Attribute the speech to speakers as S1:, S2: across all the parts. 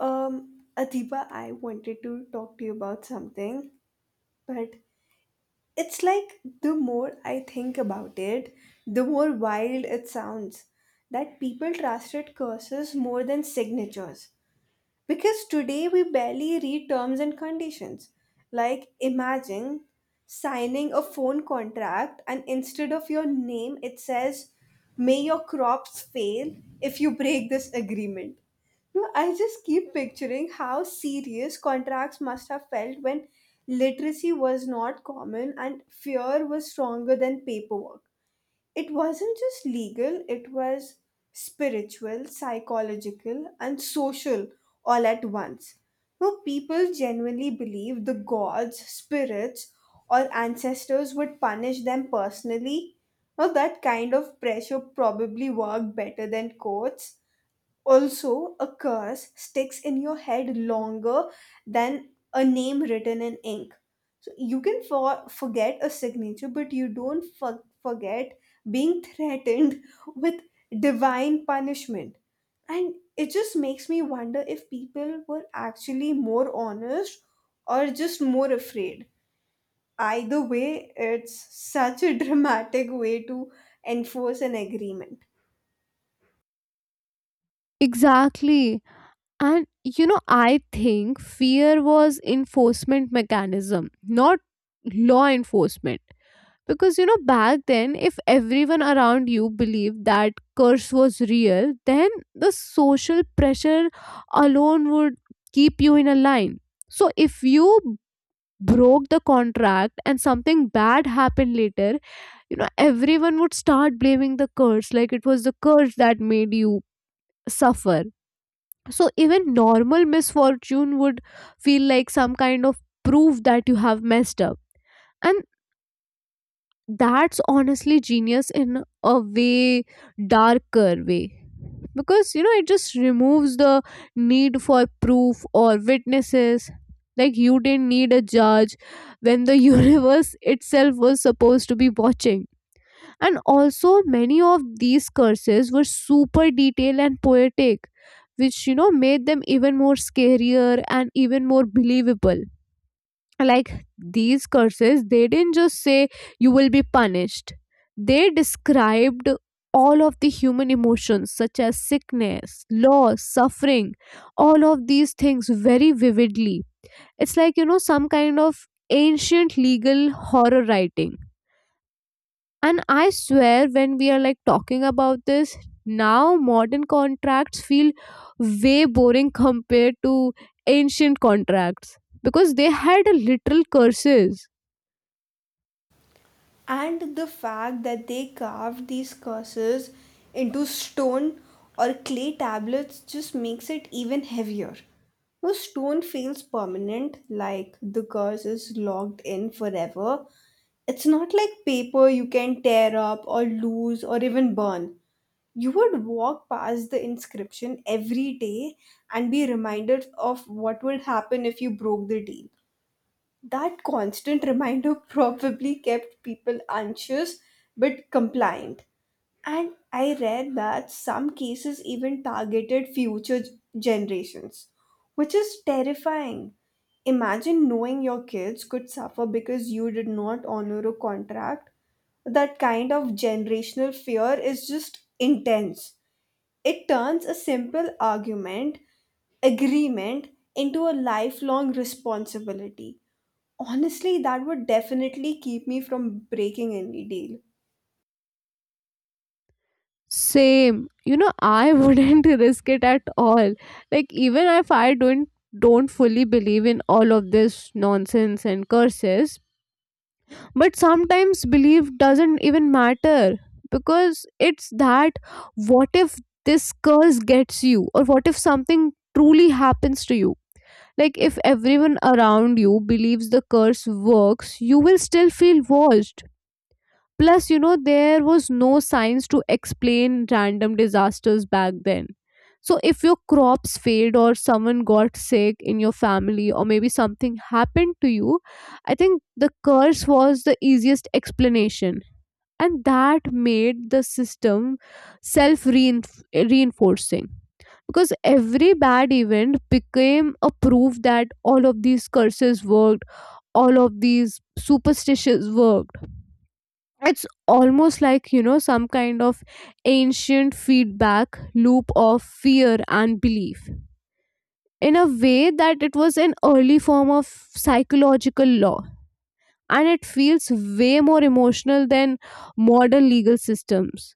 S1: Adiba, I wanted to talk to you about something, but it's like the more I think about it, the more wild it sounds that people trusted curses more than signatures. Because today we barely read terms and conditions. Like, imagine signing a phone contract and instead of your name, it says, "May your crops fail if you break this agreement." No, I just keep picturing how serious contracts must have felt when literacy was not common and fear was stronger than paperwork. It wasn't just legal, it was spiritual, psychological, and social all at once. Now, people genuinely believed the gods, spirits, or ancestors would punish them personally. Now, that kind of pressure probably worked better than courts. Also, a curse sticks in your head longer than a name written in ink. So you can forget a signature, but you don't forget being threatened with divine punishment. And it just makes me wonder if people were actually more honest or just more afraid. Either way, it's such a dramatic way to enforce an agreement.
S2: Exactly. And I think fear was enforcement mechanism, not law enforcement. Because back then, if everyone around you believed that curse was real, then the social pressure alone would keep you in a line. So if you broke the contract and something bad happened later, everyone would start blaming the curse, like it was the curse that made you suffer, so even normal misfortune would feel like some kind of proof that you have messed up, and that's honestly genius in a way, darker way, because it just removes the need for proof or witnesses. Like you didn't need a judge when the universe itself was supposed to be watching. And also, many of these curses were super detailed and poetic, which made them even more scarier and even more believable. Like these curses, they didn't just say you will be punished, they described all of the human emotions such as sickness, loss, suffering, all of these things very vividly. It's like, some kind of ancient legal horror writing. And I swear, when we are like talking about this, now modern contracts feel way boring compared to ancient contracts because they had a literal curses.
S1: And the fact that they carved these curses into stone or clay tablets just makes it even heavier. No, stone feels permanent, like the curse is locked in forever. It's not like paper you can tear up or lose or even burn. You would walk past the inscription every day and be reminded of what would happen if you broke the deal. That constant reminder probably kept people anxious but compliant. And I read that some cases even targeted future generations, which is terrifying. Imagine knowing your kids could suffer because you did not honor a contract. That kind of generational fear is just intense. It turns a simple argument agreement into a lifelong responsibility. Honestly, that would definitely keep me from breaking any deal.
S2: Same, I wouldn't risk it at all. Like even if I don't fully believe in all of this nonsense and curses, but sometimes belief doesn't even matter, because it's that what if this curse gets you, or what if something truly happens to you, like if everyone around you believes the curse works you will still feel watched. Plus, there was no science to explain random disasters back then. So, if your crops failed or someone got sick in your family or maybe something happened to you, I think the curse was the easiest explanation. And that made the system self reinforcing. Because every bad event became a proof that all of these curses worked, all of these superstitions worked, it's almost like, some kind of ancient feedback loop of fear and belief, in a way that it was an early form of psychological law, and it feels way more emotional than modern legal systems.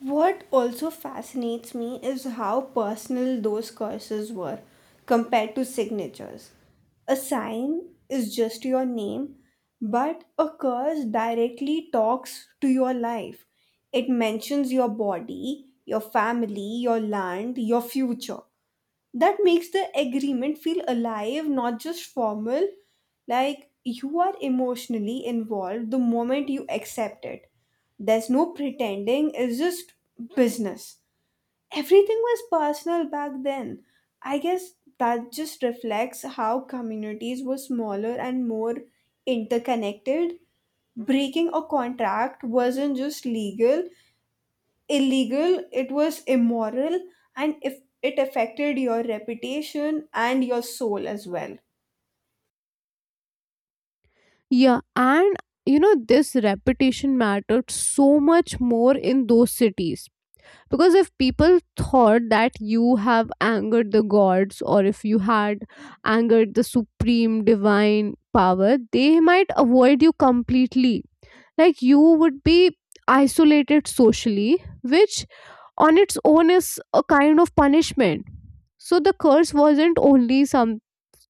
S1: What also fascinates me is how personal those curses were compared to signatures. A sign is just your name, but a curse directly talks to your life. It mentions your body, your family, your land, your future. That makes the agreement feel alive, not just formal. Like you are emotionally involved the moment you accept it. There's no pretending it's just business. Everything was personal back then. I guess that just reflects how communities were smaller and more interconnected. Breaking a contract wasn't just legal illegal, it was immoral, and if it affected your reputation and your soul as well.
S2: Yeah, and this repetition mattered so much more in those cities. Because if people thought that you have angered the gods, or if you had angered the supreme divine power, they might avoid you completely. Like you would be isolated socially, which on its own is a kind of punishment. So the curse wasn't only some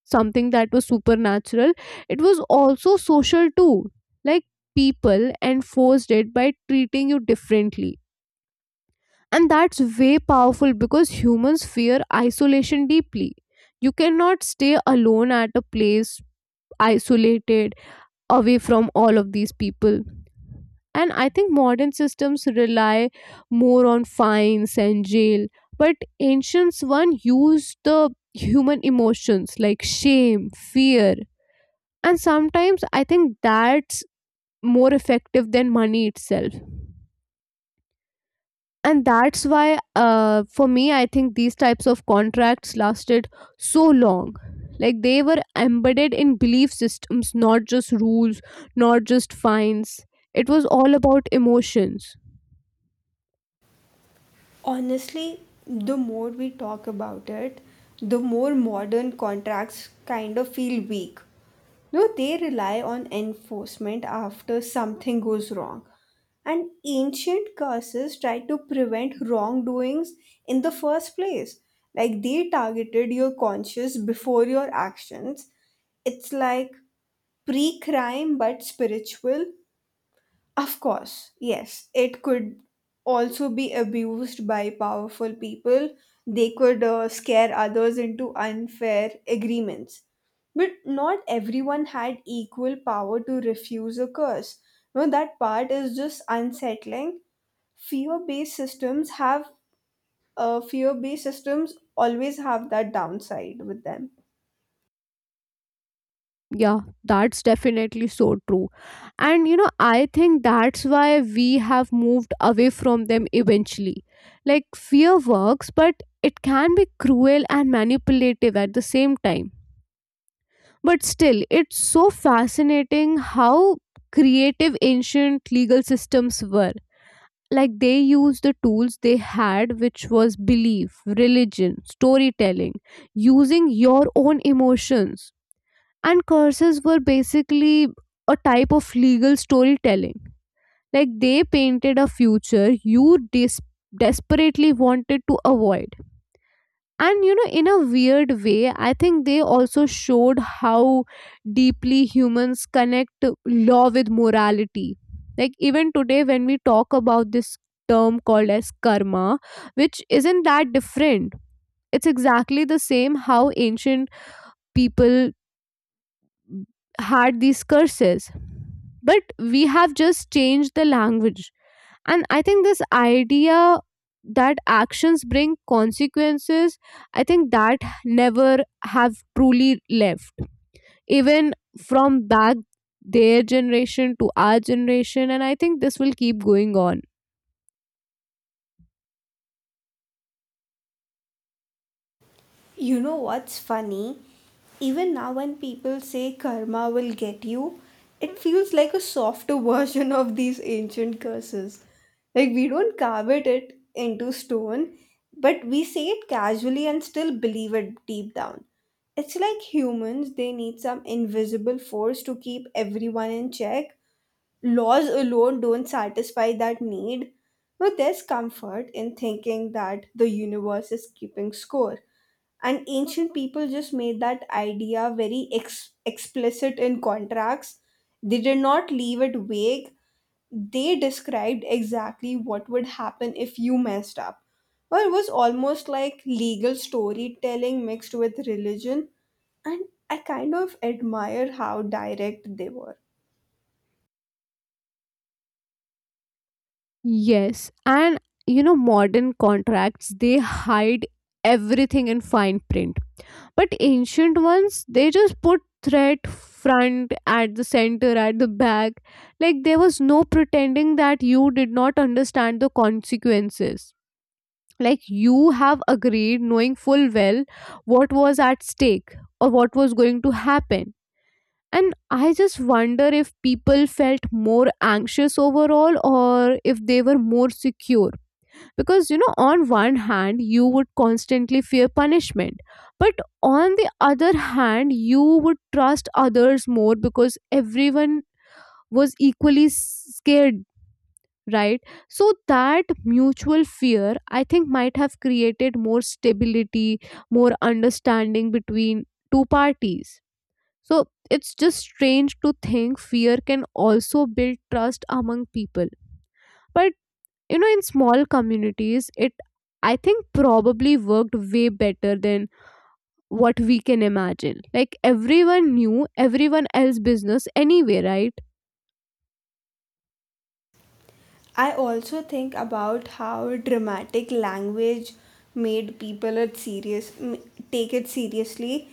S2: something that was supernatural, it was also social too. Like people enforced it by treating you differently, and that's way powerful because humans fear isolation deeply. You cannot stay alone at a place, isolated, away from all of these people. And I think modern systems rely more on fines and jail, but ancients one used the human emotions like shame, fear, and sometimes I think that's more effective than money itself. And that's why, for me, I think these types of contracts lasted so long. Like they were embedded in belief systems, not just rules, not just fines. It was all about emotions.
S1: Honestly, the more we talk about it, the more modern contracts kind of feel weak. No, they rely on enforcement after something goes wrong. And ancient curses tried to prevent wrongdoings in the first place. Like they targeted your conscience before your actions. It's like pre-crime but spiritual. Of course, yes, it could also be abused by powerful people. They could scare others into unfair agreements, but not everyone had equal power to refuse a curse. No, that part is just unsettling. Fear based systems have fear based systems always have that downside with them.
S2: Yeah, that's definitely so true. And I think that's why we have moved away from them eventually. Like, fear works, but it can be cruel and manipulative at the same time. But still, it's so fascinating how creative ancient legal systems were. Like, they used the tools they had, which was belief, religion, storytelling, using your own emotions, and curses were basically a type of legal storytelling, like they painted a future you desperately wanted to avoid. And in a weird way I think they also showed how deeply humans connect law with morality, like even today when we talk about this term called as karma, which isn't that different, it's exactly the same how ancient people had these curses, but we have just changed the language. And I think this idea that actions bring consequences, I think that never have truly left, even from back their generation to our generation, and I think this will keep going on.
S1: You know what's funny? Even now, when people say karma will get you, it feels like a softer version of these ancient curses. Like, we don't carve it into stone, but we say it casually and still believe it deep down. It's like humans, they need some invisible force to keep everyone in check. Laws alone don't satisfy that need, but there's comfort in thinking that the universe is keeping score. And ancient people just made that idea very explicit in contracts. They did not leave it vague. They described exactly what would happen if you messed up. Well, it was almost like legal storytelling mixed with religion, and I kind of admire how direct they were.
S2: Yes. And modern contracts, they hide everything in fine print. But ancient ones they just put threat front at the center at the back, like there was no pretending that you did not understand the consequences, like you have agreed knowing full well what was at stake or what was going to happen. And I just wonder if people felt more anxious overall, or if they were more secure, because on one hand you would constantly fear punishment, but on the other hand you would trust others more because everyone was equally scared, right? So that mutual fear I think might have created more stability, more understanding between two parties. So it's just strange to think fear can also build trust among people, but in small communities it I think probably worked way better than what we can imagine, like everyone knew everyone else business anyway, right?
S1: I also think about how dramatic language made people take it seriously.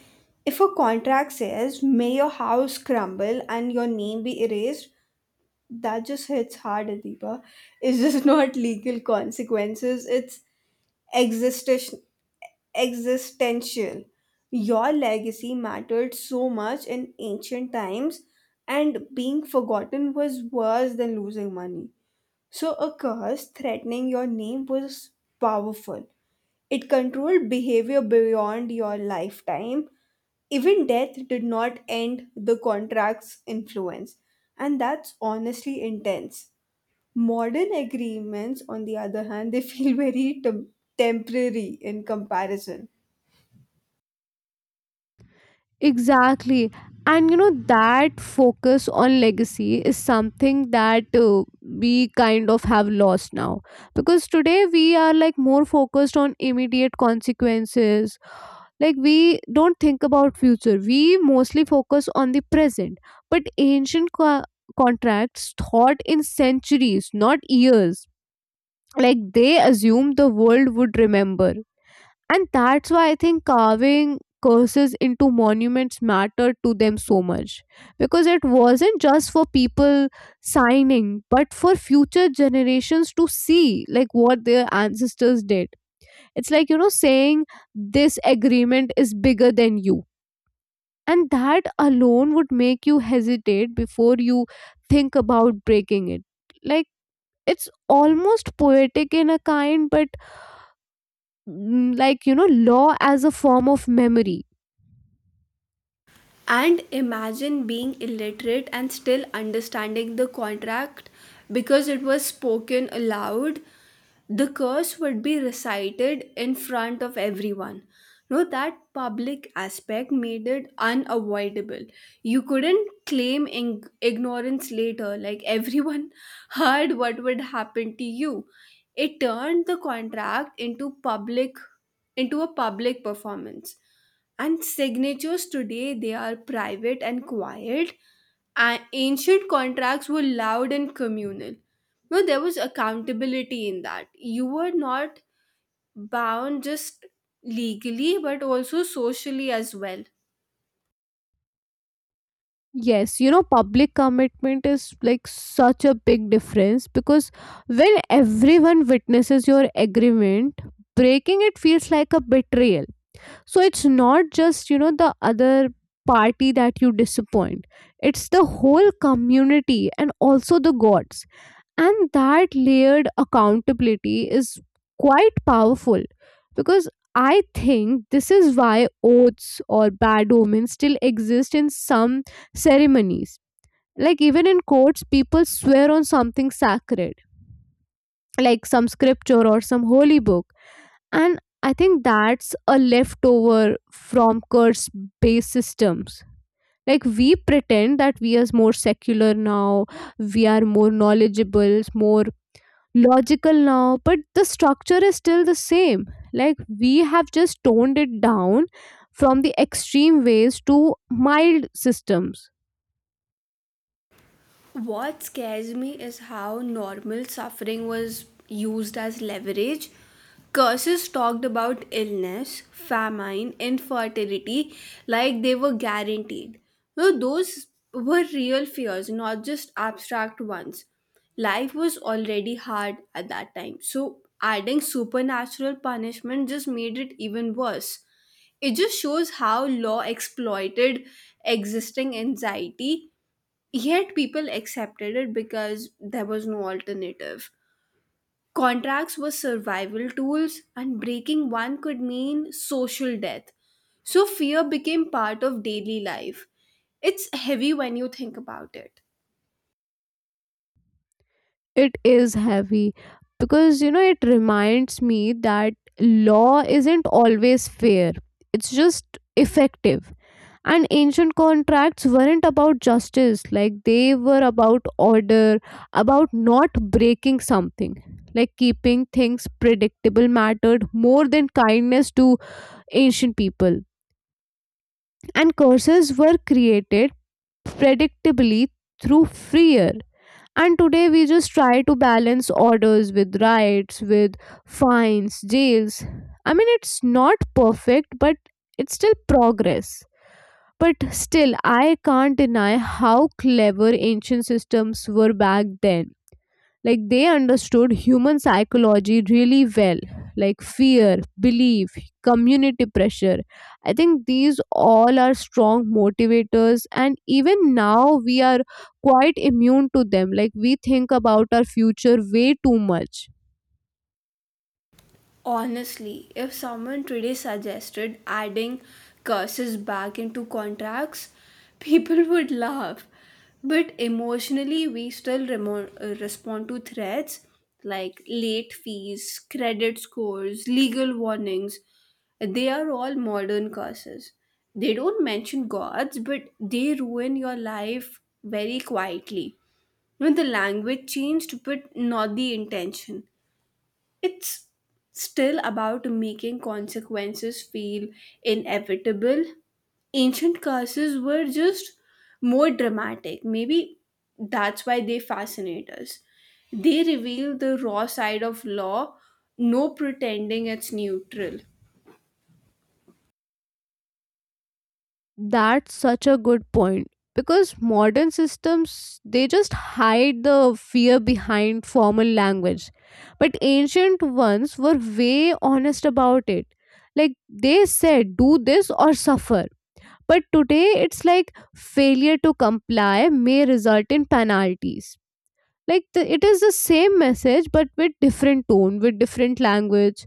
S1: If a contract says, "May your house crumble and your name be erased," that just hits hard, Adiba. It's just not legal consequences. It's existential. Existential. Your legacy mattered so much in ancient times, and being forgotten was worse than losing money. So, a curse threatening your name was powerful. It controlled behavior beyond your lifetime. Even death did not end the contract's influence. And that's honestly intense. Modern agreements, on the other hand, they feel very temporary in comparison.
S2: Exactly. And that focus on legacy is something that we kind of have lost now, because today we are like more focused on immediate consequences, like we don't think about future we mostly focus on the present. But ancient contracts thought in centuries not years, like they assumed the world would remember, and that's why I think carving curses into monuments mattered to them so much, because it wasn't just for people signing but for future generations to see like what their ancestors did. It's like, saying this agreement is bigger than you, and that alone would make you hesitate before you think about breaking it. Like it's almost poetic in a kind but, like law as a form of memory.
S1: And imagine being illiterate and still understanding the contract because it was spoken aloud. The curse would be recited in front of everyone. No, that public aspect made it unavoidable. You couldn't claim ignorance later, like everyone heard what would happen to you. It turned the contract into public into a public performance. And signatures today, they are private and quiet. And ancient contracts were loud and communal. No, there was accountability in that. You were not bound just legally, but also socially as well.
S2: Yes, public commitment is like such a big difference, because when everyone witnesses your agreement, breaking it feels like a betrayal. So it's not just, the other party that you disappoint, it's the whole community and also the gods. And that layered accountability is quite powerful, because I think this is why oaths or bad omens still exist in some ceremonies. Like, even in courts, people swear on something sacred, like some scripture or some holy book, and I think that's a leftover from curse based systems. Like we pretend that we are more secular now, we are more knowledgeable, more logical now, but the structure is still the same. Like we have just toned it down from the extreme ways to mild systems.
S1: What scares me is how normal suffering was used as leverage. Curses talked about illness, famine, infertility like they were guaranteed. No, those were real fears, not just abstract ones. Life was already hard at that time, so adding supernatural punishment just made it even worse. It just shows how law exploited existing anxiety. Yet people accepted it because there was no alternative. Contracts were survival tools, and breaking one could mean social death. So fear became part of daily life. It's heavy when you think about it.
S2: It is heavy, because it reminds me that law isn't always fair, it's just effective, and ancient contracts weren't about justice, like they were about order, about not breaking something, like keeping things predictable mattered more than kindness to ancient people. And curses were created predictably through fear, and today we just try to balance orders with rights with fines jails. I mean it's not perfect but it's still progress. But still, I can't deny how clever ancient systems were back then. Like they understood human psychology really well, like fear, belief, community pressure. I think these all are strong motivators, and even now we are quite immune to them. Like we think about our future way too much.
S1: Honestly, if someone today suggested adding curses back into contracts, people would laugh. But emotionally, we still respond to threats like late fees, credit scores, legal warnings. They are all modern curses. They don't mention gods, but they ruin your life very quietly. You know, the language changed, but not the intention. It's still about making consequences feel inevitable. Ancient curses were just more dramatic. Maybe that's why they fascinate us. They reveal the raw side of law, no pretending it's neutral.
S2: That's such a good point, because modern systems they just hide the fear behind formal language, but ancient ones were way honest about it, like they said do this or suffer, but today it's like failure to comply may result in penalties. Like it is the same message but with different tone with different language.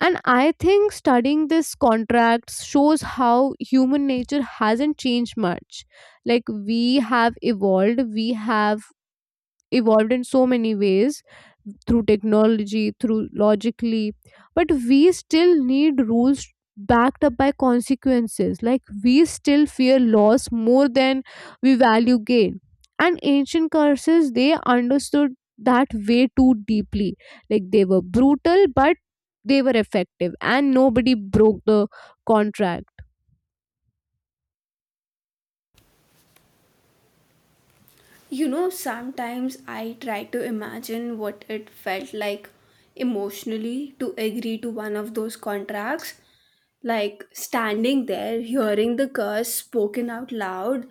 S2: And I think studying this contracts shows how human nature hasn't changed much. Like we have evolved in so many ways through technology, through logically, but we still need rules backed up by consequences. Like we still fear loss more than we value gain. And ancient curses, they understood that way too deeply. Like they were brutal, but they were effective, and nobody broke the contract.
S1: You know, sometimes I try to imagine what it felt like emotionally to agree to one of those contracts. Like standing there, hearing the curse spoken out loud,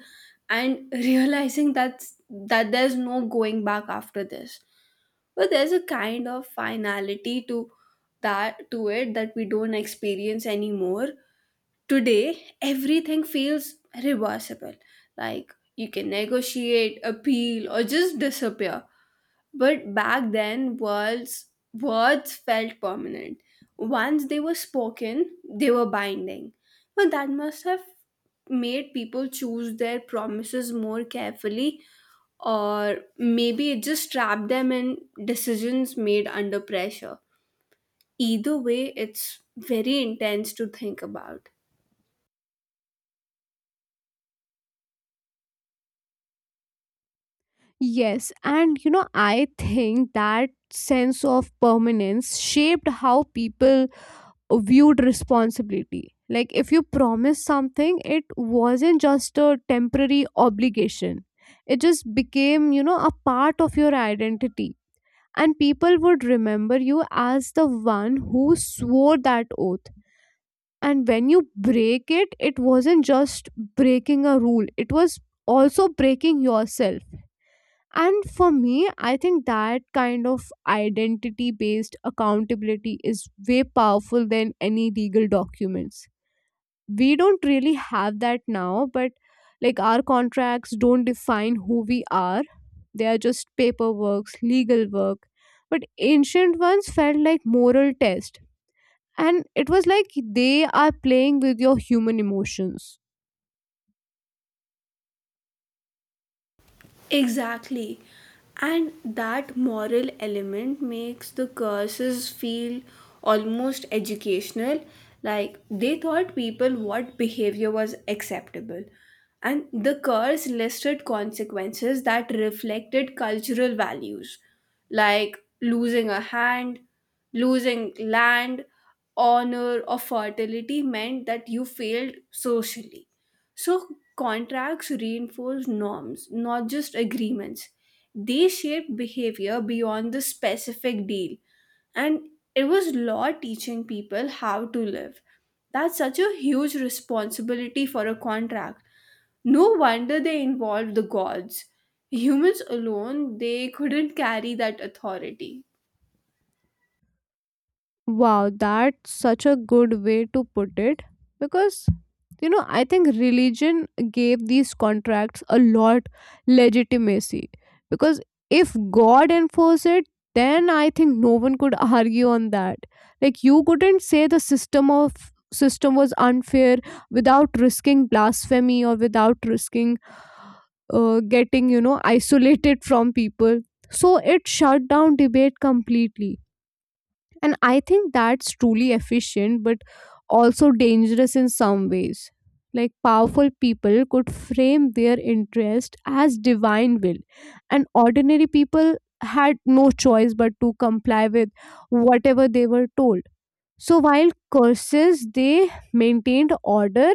S1: and realizing that there's no going back after this. But there's a kind of finality to that to it that we don't experience anymore. Today, everything feels reversible. Like you can negotiate, appeal, or just disappear. But back then, words felt permanent. Once they were spoken, they were binding. But that must have made people choose their promises more carefully, or maybe it just trapped them in decisions made under pressure. Either way, it's very intense to think about.
S2: Yes, and I think that sense of permanence shaped how people viewed responsibility. Like if you promised something, it wasn't just a temporary obligation. It just became, a part of your identity. And people would remember you as the one who swore that oath. And when you break it, it wasn't just breaking a rule, it was also breaking yourself. And for me, I think that kind of identity based accountability is way powerful than any legal documents. We don't really have that now, but like our contracts don't define who we are. They are just paperwork, legal work. But ancient ones felt like moral test. And it was like they are playing with your human emotions.
S1: Exactly. And that moral element makes the curses feel almost educational. Like they taught people what behavior was acceptable. And the curse listed consequences that reflected cultural values, like losing a hand, losing land, honor, or fertility meant that you failed socially. So contracts reinforce norms, not just agreements. They shape behavior beyond the specific deal. And it was law teaching people how to live. That's such a huge responsibility for a contract. No wonder they involved the gods. Humans alone, they couldn't carry that authority.
S2: Wow, that's such a good way to put it, because I think religion gave these contracts a lot legitimacy, because if God enforced it, then I think no one could argue on that. Like you couldn't say the system of system was unfair without risking blasphemy, or without risking getting isolated from people. So it shut down debate completely, and I think that's truly efficient, but also dangerous in some ways. Like powerful people could frame their interest as divine will, and ordinary people had no choice but to comply with whatever they were told. So while curses they maintained order,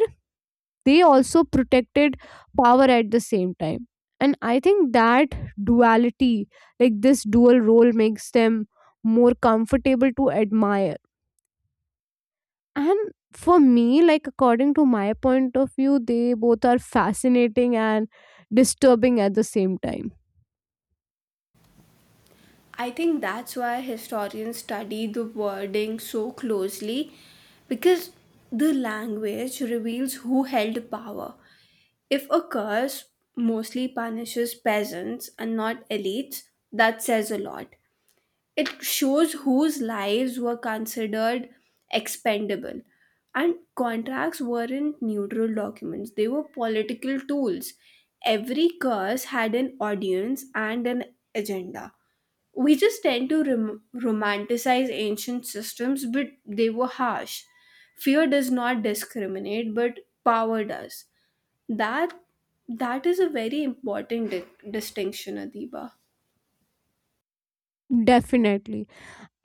S2: they also protected power at the same time. And I think that duality, like this dual role, makes them more comfortable to admire. And for me, like according to my point of view, they both are fascinating and disturbing at the same time.
S1: I think that's why historians study the wording so closely, because the language reveals who held power. If a curse mostly punishes peasants and not elites, that says a lot. It shows whose lives were considered expendable. And contracts weren't neutral documents, they were political tools. Every curse had an audience and an agenda. We just tend to romanticize ancient systems, but they were harsh. Fear does not discriminate, but power does. That that is a very important distinction, Adiba.
S2: Definitely.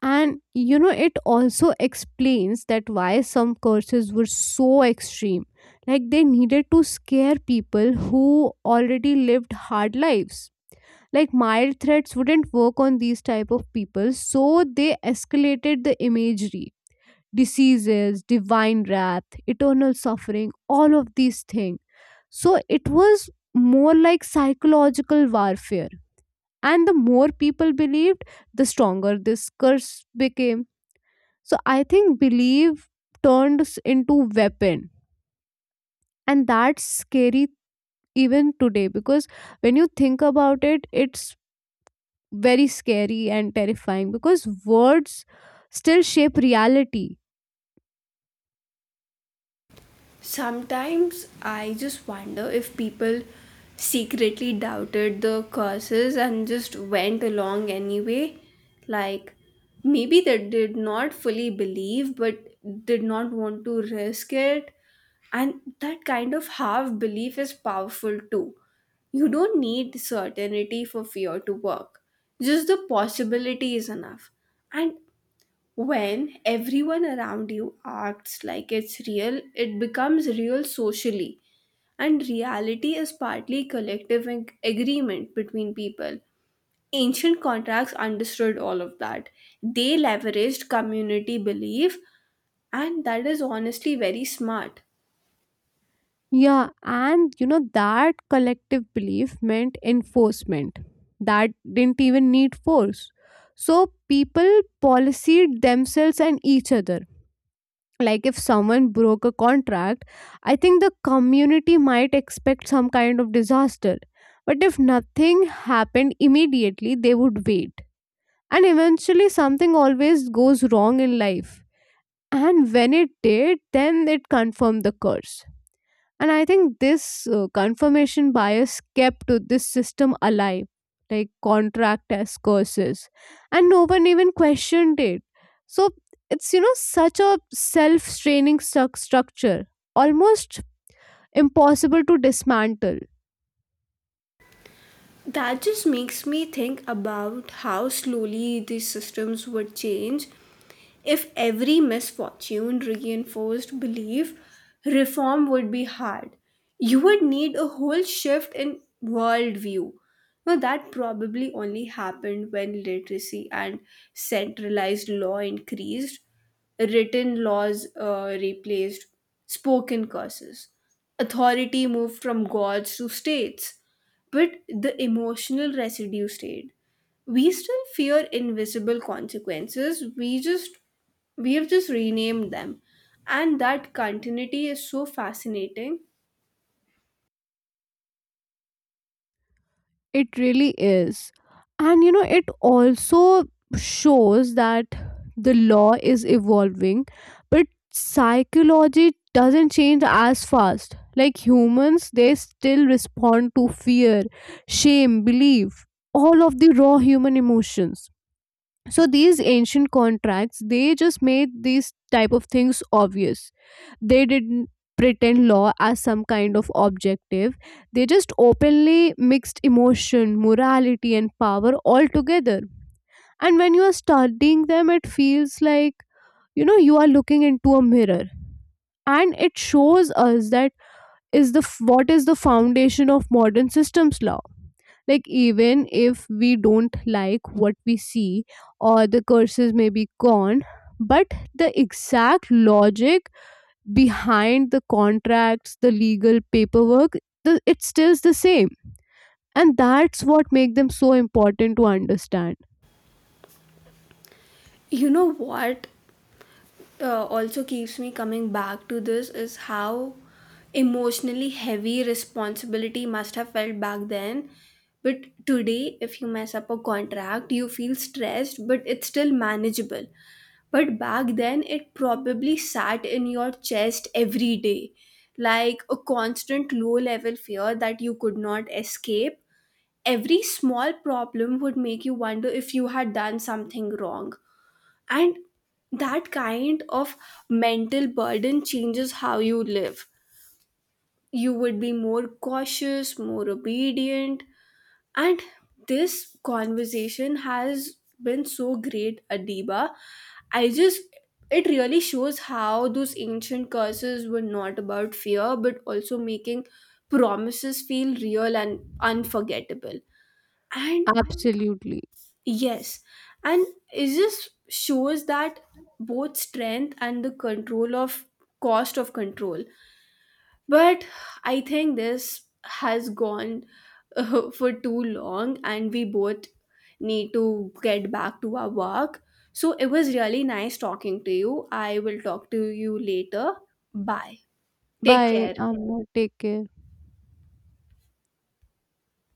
S2: And it also explains that why some curses were so extreme, like they needed to scare people who already lived hard lives, like mild threats wouldn't work on these type of people, so they escalated the imagery, diseases divine wrath eternal suffering all of these things. So it was more like psychological warfare, and the more people believed the stronger this curse became. So I think belief turns into weapon, and that's scary even today, because when you think about it it's very scary and terrifying because words still shape reality.
S1: Sometimes I just wonder if people secretly doubted the curses and just went along anyway. Like, maybe they did not fully believe but did not want to risk it. And that kind of half belief is powerful too. You don't need certainty for fear to work, just the possibility is enough. And when everyone around you acts like it's real, it becomes real socially. And reality is partly collective agreement between people. Ancient contracts understood all of that. They leveraged community belief, and that is honestly very smart.
S2: Yeah, and that collective belief meant enforcement. That didn't even need force. So people policed themselves and each other, like if someone broke a contract I think the community might expect some kind of disaster, but if nothing happened immediately they would wait, and eventually something always goes wrong in life, and when it did then it confirmed the curse. And I think this confirmation bias kept to this system alive, like contract as curses, and no one even questioned it. So it's, such a self-straining structure, almost impossible to dismantle.
S1: That just makes me think about how slowly these systems would change. If every misfortune reinforced belief, reform would be hard. You would need a whole shift in worldview. Now that probably only happened when literacy and centralized law increased. Written laws replaced spoken curses. Authority moved from gods to states, but the emotional residue stayed. We still fear invisible consequences, we have just renamed them. And that continuity is so fascinating.
S2: It really is. And it also shows that the law is evolving, but psychology doesn't change as fast. Like humans, they still respond to fear, shame, belief, all of the raw human emotions. So these ancient contracts they just made these type of things obvious, they didn't pretend law as some kind of objective, they just openly mixed emotion morality and power all together. And when you are studying them it feels like, you are looking into a mirror, and it shows us that is what is the foundation of modern systems law. Like even if we don't like what we see, or the curses may be gone, but the exact logic behind the contracts the legal paperwork, it's still the same, and that's what make them so important to understand.
S1: You know what also keeps me coming back to this is how emotionally heavy responsibility must have felt back then. But today, if you mess up a contract, you feel stressed, but it's still manageable. But back then, it probably sat in your chest every day, like a constant low level fear that you could not escape. Every small problem would make you wonder if you had done something wrong. And that kind of mental burden changes how you live. You would be more cautious, more obedient, and this conversation has been so great, Adiba. I just, it really shows how those ancient curses were not about fear, but also making promises feel real and unforgettable. And
S2: Absolutely.
S1: yes, and it just shows that both strength and the control of cost of control, but I think this has gone for too long, and we both need to get back to our work. So it was really nice talking to you. I will talk to you later. Bye. Take
S2: Bye
S1: care.
S2: Amna, take care.